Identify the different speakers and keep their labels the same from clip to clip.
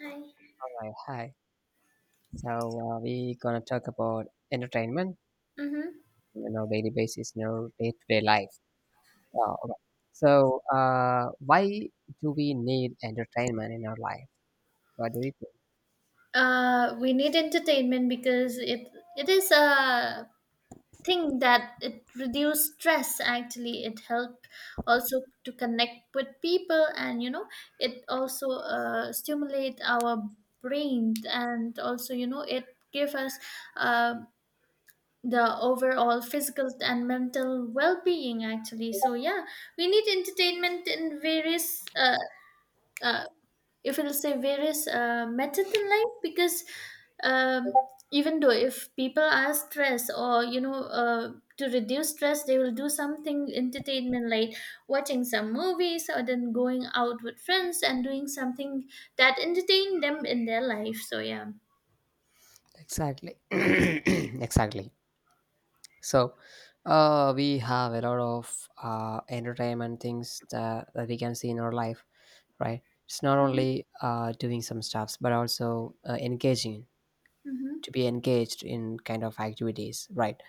Speaker 1: Hi.
Speaker 2: Right, hi. So we gonna talk about entertainment,
Speaker 1: Mm-hmm.
Speaker 2: you know, daily basis, you know, day-to-day life. Uh, alright. So uh, why do we need entertainment in our life? What do you think?
Speaker 1: We need entertainment because it is a thing that it reduce stress. Actually, it help also to connect with people, and you know, it also stimulate our brain, and also you know, it give us uh, the overall physical and mental well being. Actually, so yeah, we need entertainment in various uh, if it'll say various methods in life because um, even though if people are stressed or you know to reduce stress they will do something entertainment like watching some movies or then going out with friends and doing something that entertain them in their life so yeah.
Speaker 2: Exactly, exactly. So we have a lot of entertainment things that we can see in our life, right? It's not
Speaker 1: Mm-hmm,
Speaker 2: only doing some stuffs, but also engaging
Speaker 1: mm-hmm,
Speaker 2: to be engaged in kind of activities, right?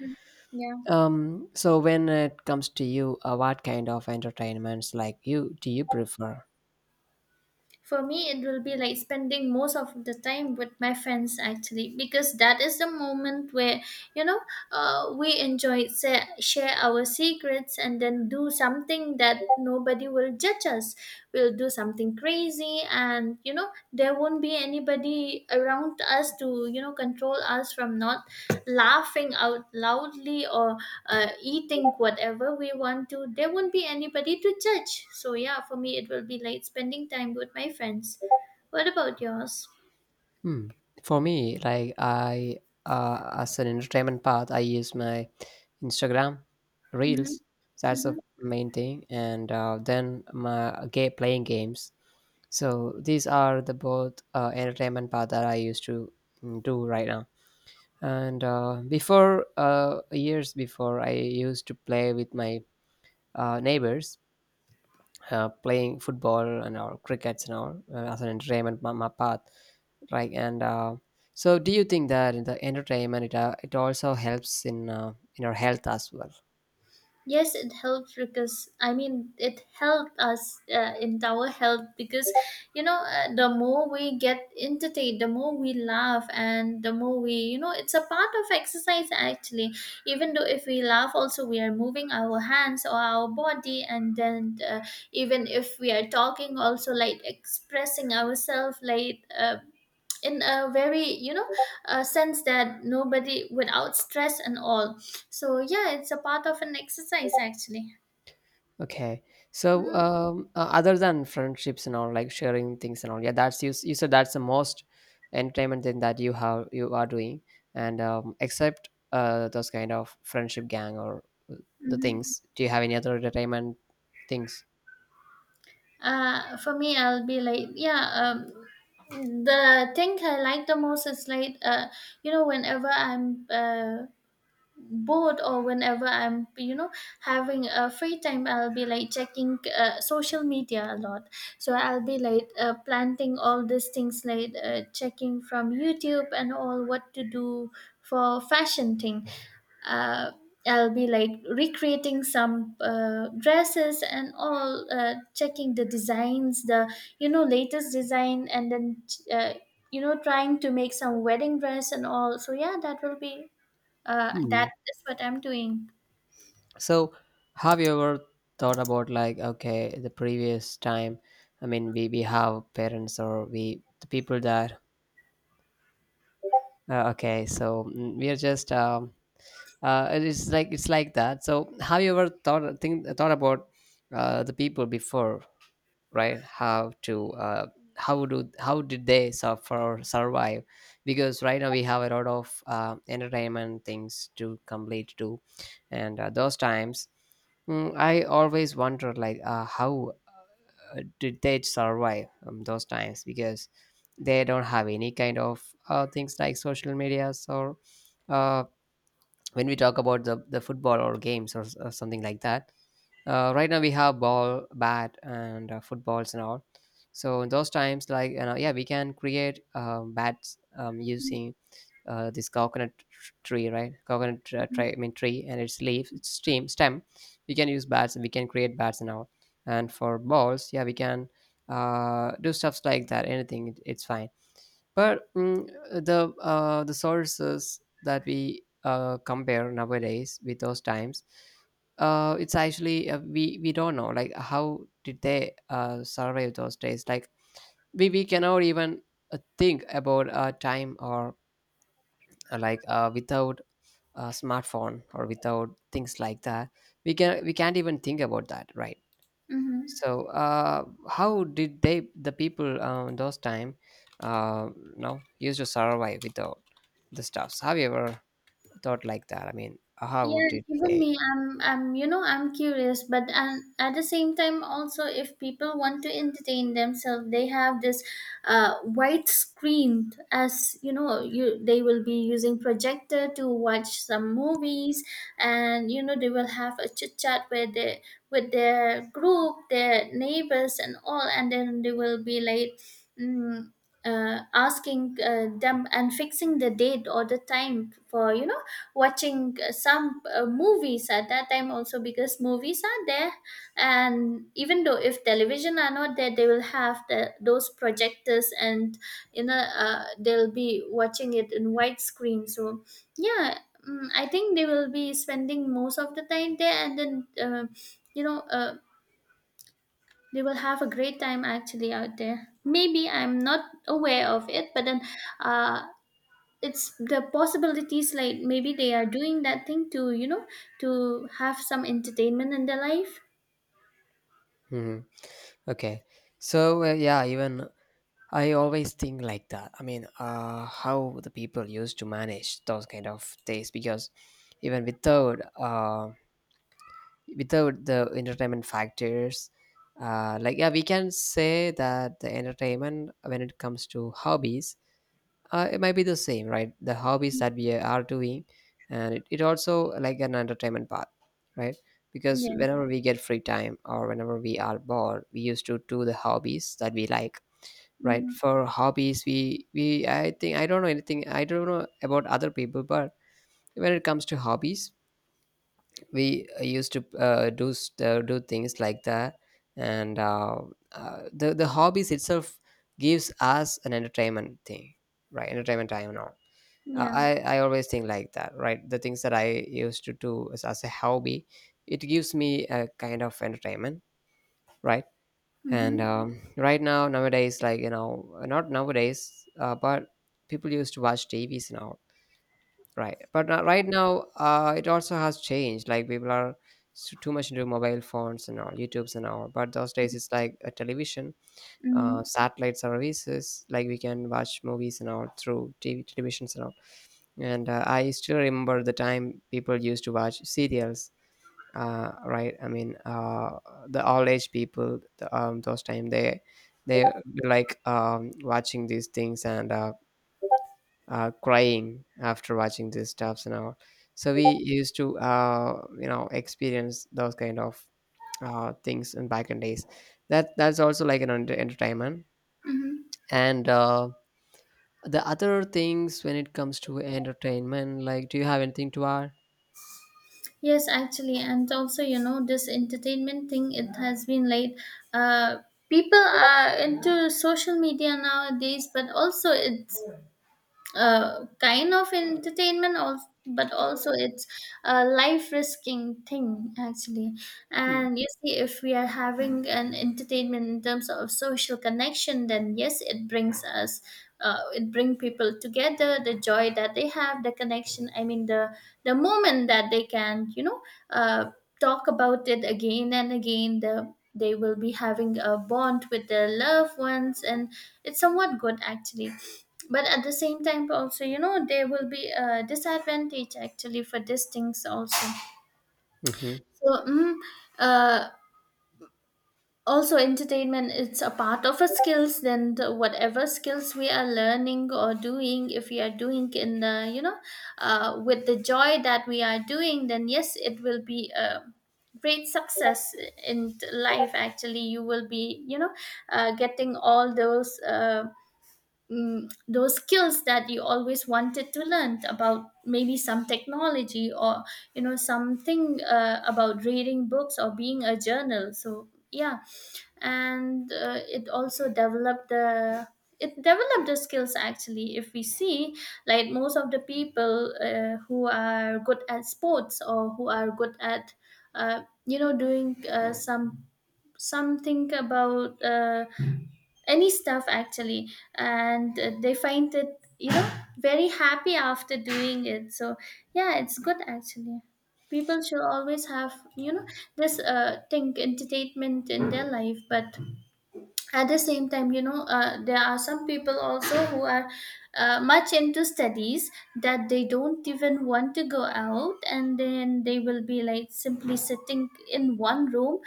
Speaker 1: yeah.
Speaker 2: So when it comes to you, what kind of entertainments like you do you prefer?
Speaker 1: For me, it will be like spending most of the time with my friends actually, because that is the moment where you know we share our secrets and then do something that nobody will judge us. We'll do something crazy, and you know there won't be anybody around us to you know control us from not laughing out loudly or eating whatever we want to, there won't be anybody to judge, so yeah, for me it will be like spending time with my friends. What about yours?
Speaker 2: Hmm. For me, as an entertainment path, I use my Instagram
Speaker 1: Mm-hmm.
Speaker 2: Reels. That's the
Speaker 1: Mm-hmm.
Speaker 2: main thing, and then my game playing games. So these are the both entertainment path that I used to do right now. Years before, I used to play with my neighbors, playing football and or crickets and all, as an entertainment path. Right and so do you think that in the entertainment it also helps in our health as well?
Speaker 1: Yes, it helped because I mean it helped us in our health because you know the more we get entertained, the more we laugh, and the more we you know it's a part of exercise actually. Even though if we laugh, also we are moving our hands or our body, and then even if we are talking, also like expressing ourselves, like. In a very you know a sense that nobody without stress and all, so yeah it's a part of an exercise actually.
Speaker 2: Okay. So other than friendships and all, like sharing things and all, yeah, that's you said that's the most entertainment thing that you have, you are doing. And except those kind of friendship gang or uh, the
Speaker 1: Mm-hmm.
Speaker 2: things, do you have any other entertainment things?
Speaker 1: For me I'll be like yeah, the thing I like the most is like you know whenever I'm bored or whenever I'm you know having a free time I'll be like checking social media a lot, so I'll be like planting all these things like checking from YouTube and all what to do for fashion thing. uh, I'll be like recreating some dresses and all, checking the designs, the you know latest design, and then uh, you know trying to make some wedding dress and all. So yeah, that will be
Speaker 2: Hmm.
Speaker 1: that is what I'm doing.
Speaker 2: So, have you ever thought about, like, okay, the previous time? I mean, we have parents, or we the people that, okay, so mm, we are just it is like it's like that. So, have you ever thought about the people before? Right, how to how do how did they suffer or survive? Because right now we have a lot of entertainment things to complete too. And uh, those times mm, I always wonder like, how did they survive, those times, because they don't have any kind of things like social medias, or uh, when we talk about the football or games, or or something like that. Right now we have ball bat and footballs and all. So in those times, like, you know, yeah, we can create bats, using this coconut tree, right? Coconut tr- tree I mean tree and its leaf, its stem, we can use bats and we can create bats and all. And for balls, yeah, we can do stuffs like that, anything, it's fine. But the sources that we compare nowadays with those times, it's actually, we don't know like how did they survive those days. Like we cannot even think about a time, or without a smartphone or without things like that. We can't even think about that, right?
Speaker 1: Mhm.
Speaker 2: So, how did they, the people, those time, uh, no, used to survive without the stuffs? Have you ever thought like that? I mean, how
Speaker 1: Yeah,
Speaker 2: did
Speaker 1: even
Speaker 2: they?
Speaker 1: me, you know, I'm curious, but at the same time, also, if people want to entertain themselves, they have this white screen as you know, you they will be using projector to watch some movies, and you know, they will have a chit chat with their group, their neighbors, and all, and then they will be like. Mm, asking them and fixing the date or the time for you know watching some movies at that time also because movies are there, and even though if television are not there they will have the, those projectors, and you know they'll be watching it in widescreen, so yeah. Mm, I think they will be spending most of the time there and then you know they will have a great time actually out there, maybe I'm not aware of it, but then uh, it's the possibilities like maybe they are doing that thing to you know to have some entertainment in their life.
Speaker 2: Hmm. Okay, yeah, even I always think like that. I mean, how the people used to manage those kind of things, because even without the entertainment factors. Like, yeah, we can say that the entertainment, when it comes to hobbies, it might be the same, right? The hobbies that we are doing, and it also like an entertainment part, right? Because
Speaker 1: Yeah.
Speaker 2: whenever we get free time, or whenever we are bored, we used to do the hobbies that we like. Right,
Speaker 1: Hmm.
Speaker 2: for hobbies, we I think, I don't know anything, I don't know about other people, but when it comes to hobbies, we used to do things like that. And the hobbies itself gives us an entertainment thing, right? Entertainment time and all. uh,
Speaker 1: Yeah.
Speaker 2: I, I always think like that, right? The things that I used to do as a hobby, it gives me a kind of entertainment, right? and
Speaker 1: Mm-hmm.
Speaker 2: um, right now, nowadays, like, you know, not nowadays, but people used to watch tvs now. Right. But right now, it also has changed. Like people are too much into mobile phones and all, YouTubes and all. But those days, it's like a television,
Speaker 1: Hmm.
Speaker 2: satellite services. Like we can watch movies and all through TV, televisions and all. And I still remember the time people used to watch serials. Right. I mean, the old age people, those time, they were like, watching these things. And crying after watching these stuffs and all. So we used to, you know, experience those kind of things, in back in days. That's also like an entertainment. And the other things when it comes to entertainment, like, do you have anything to add?
Speaker 1: Yes, actually, and also you know this entertainment thing it has been like uh people are into social media nowadays, but also it's kind of entertainment also, but also it's a life risking thing actually. And you see, if we are having an entertainment in terms of social connection, then yes it brings us it bring people together, the joy that they have, the connection I mean the moment that they can you know uh, talk about it again and again, the they will be having a bond with their loved ones, and it's somewhat good actually, but at the same time also you know there will be a disadvantage actually for these things also.
Speaker 2: Mm-hmm.
Speaker 1: So uh, also entertainment it's a part of a skills, then the, whatever skills we are learning or doing, if we are doing in the you know with the joy that we are doing, then yes it will be a great success in life. Actually you will be you know getting all those those skills that you always wanted to learn about, maybe some technology or you know something about reading books or being a journal, so yeah. And it also developed the it developed the skills actually, if we see, like most of the people who are good at sports or who are good at you know doing some something about any stuff actually, and they find it you know very happy after doing it, so yeah it's good actually. People should always have you know this thing entertainment in their life, but at the same time you know there are some people also who are much into studies, that they don't even want to go out, and then they will be like simply sitting in one room,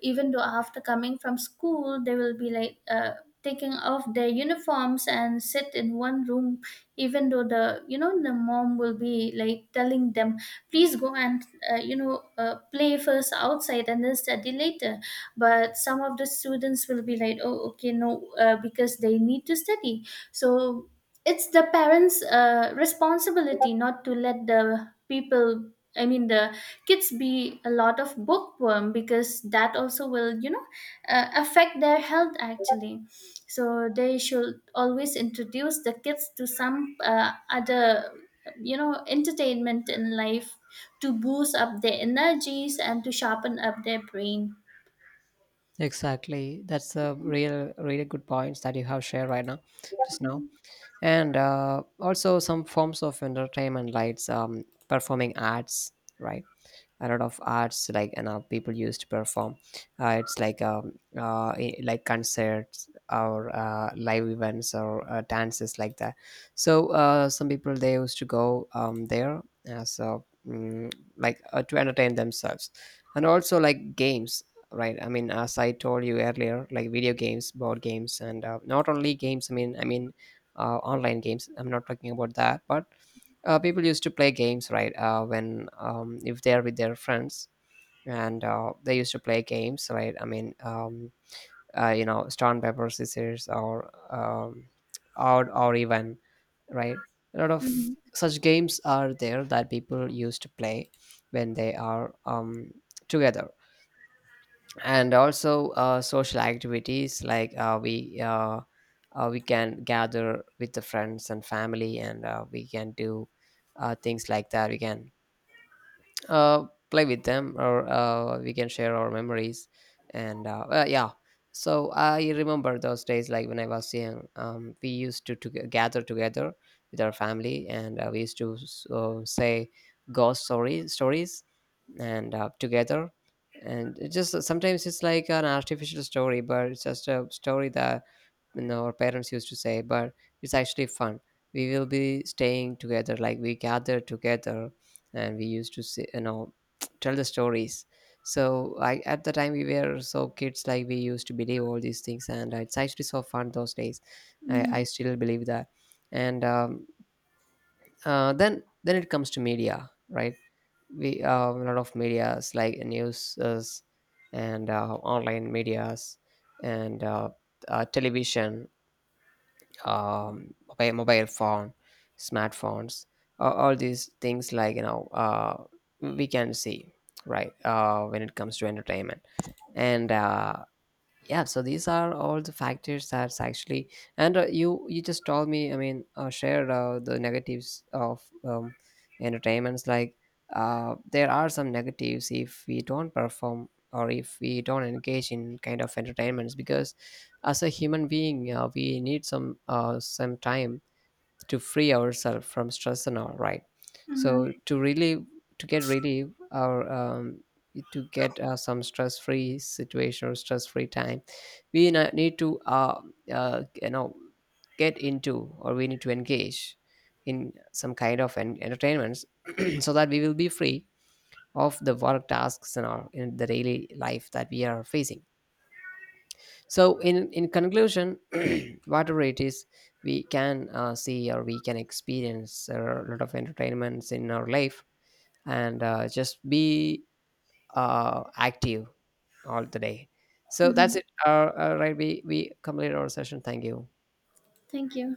Speaker 1: even though after coming from school they will be like taking off their uniforms and sit in one room, even though the you know the mom will be like telling them please go and you know play first outside and then study later, but some of the students will be like oh okay no because they need to study. So it's the parents responsibility not to let the people I mean the kids be a lot of bookworm, because that also will you know affect their health actually. So they should always introduce the kids to some other you know entertainment in life, to boost up their energies and to sharpen up their brain.
Speaker 2: Exactly. That's a real, really good points that you have shared right now, just now. And also some forms of entertainment, like, performing arts, right? A lot of arts like, and people used to perform, it's like, like concerts, or live events, or dances like that. Some people, they used to go, there, like, to entertain themselves. And also like games, right? As I told you earlier, like video games, board games, and not only games, I mean online games, I'm not talking about that, but people used to play games, right? When If they're with their friends, and they used to play games, right? I mean, you know, stone paper scissors, or or even, right, a lot of
Speaker 1: Mhm.
Speaker 2: such games are there that people used to play when they are, together. And also social activities, like, we can gather with the friends and family, and we can do things like that. We can uh, play with them, or we can share our memories, and yeah. So I remember those days, like when I was young, we used to, gather together with our family, and we used to say ghost stories, and together. And it just, sometimes it's like an artificial story, but it's just a story that, you know, our parents used to say, but it's actually fun. We will be staying together, like we gather together, and we used to say, you know, tell the stories. So I, at the time, we were so kids, like we used to believe all these things, and it's actually so fun those days. I
Speaker 1: Mhm.
Speaker 2: still believe that. And then it comes to media, right? We a lot of medias, like news, and online medias, and television, mobile phone, smartphones, all these things, like, you know, we can see, right, when it comes to entertainment. And yeah, so these are all the factors that's actually, and you just told me, I mean, shared the negatives of, entertainments, like, there are some negatives if we don't perform or if we don't engage in kind of entertainments, because as a human being, we need some, some time to free ourselves from stress and all, right? So
Speaker 1: Mhm.
Speaker 2: to relieve, to get relief, or, to get some stress free situation or stress free time, we need to, you know, get into, or we need to engage in some kind of entertainments, so that we will be free of the work tasks and all in the daily life that we are facing. So, in conclusion, whatever it is, we can see, or we can experience there a lot of entertainments in our life, and just be active all the day. So
Speaker 1: Mhm.
Speaker 2: that's it. All right, we complete our session. Thank you.
Speaker 1: Thank you.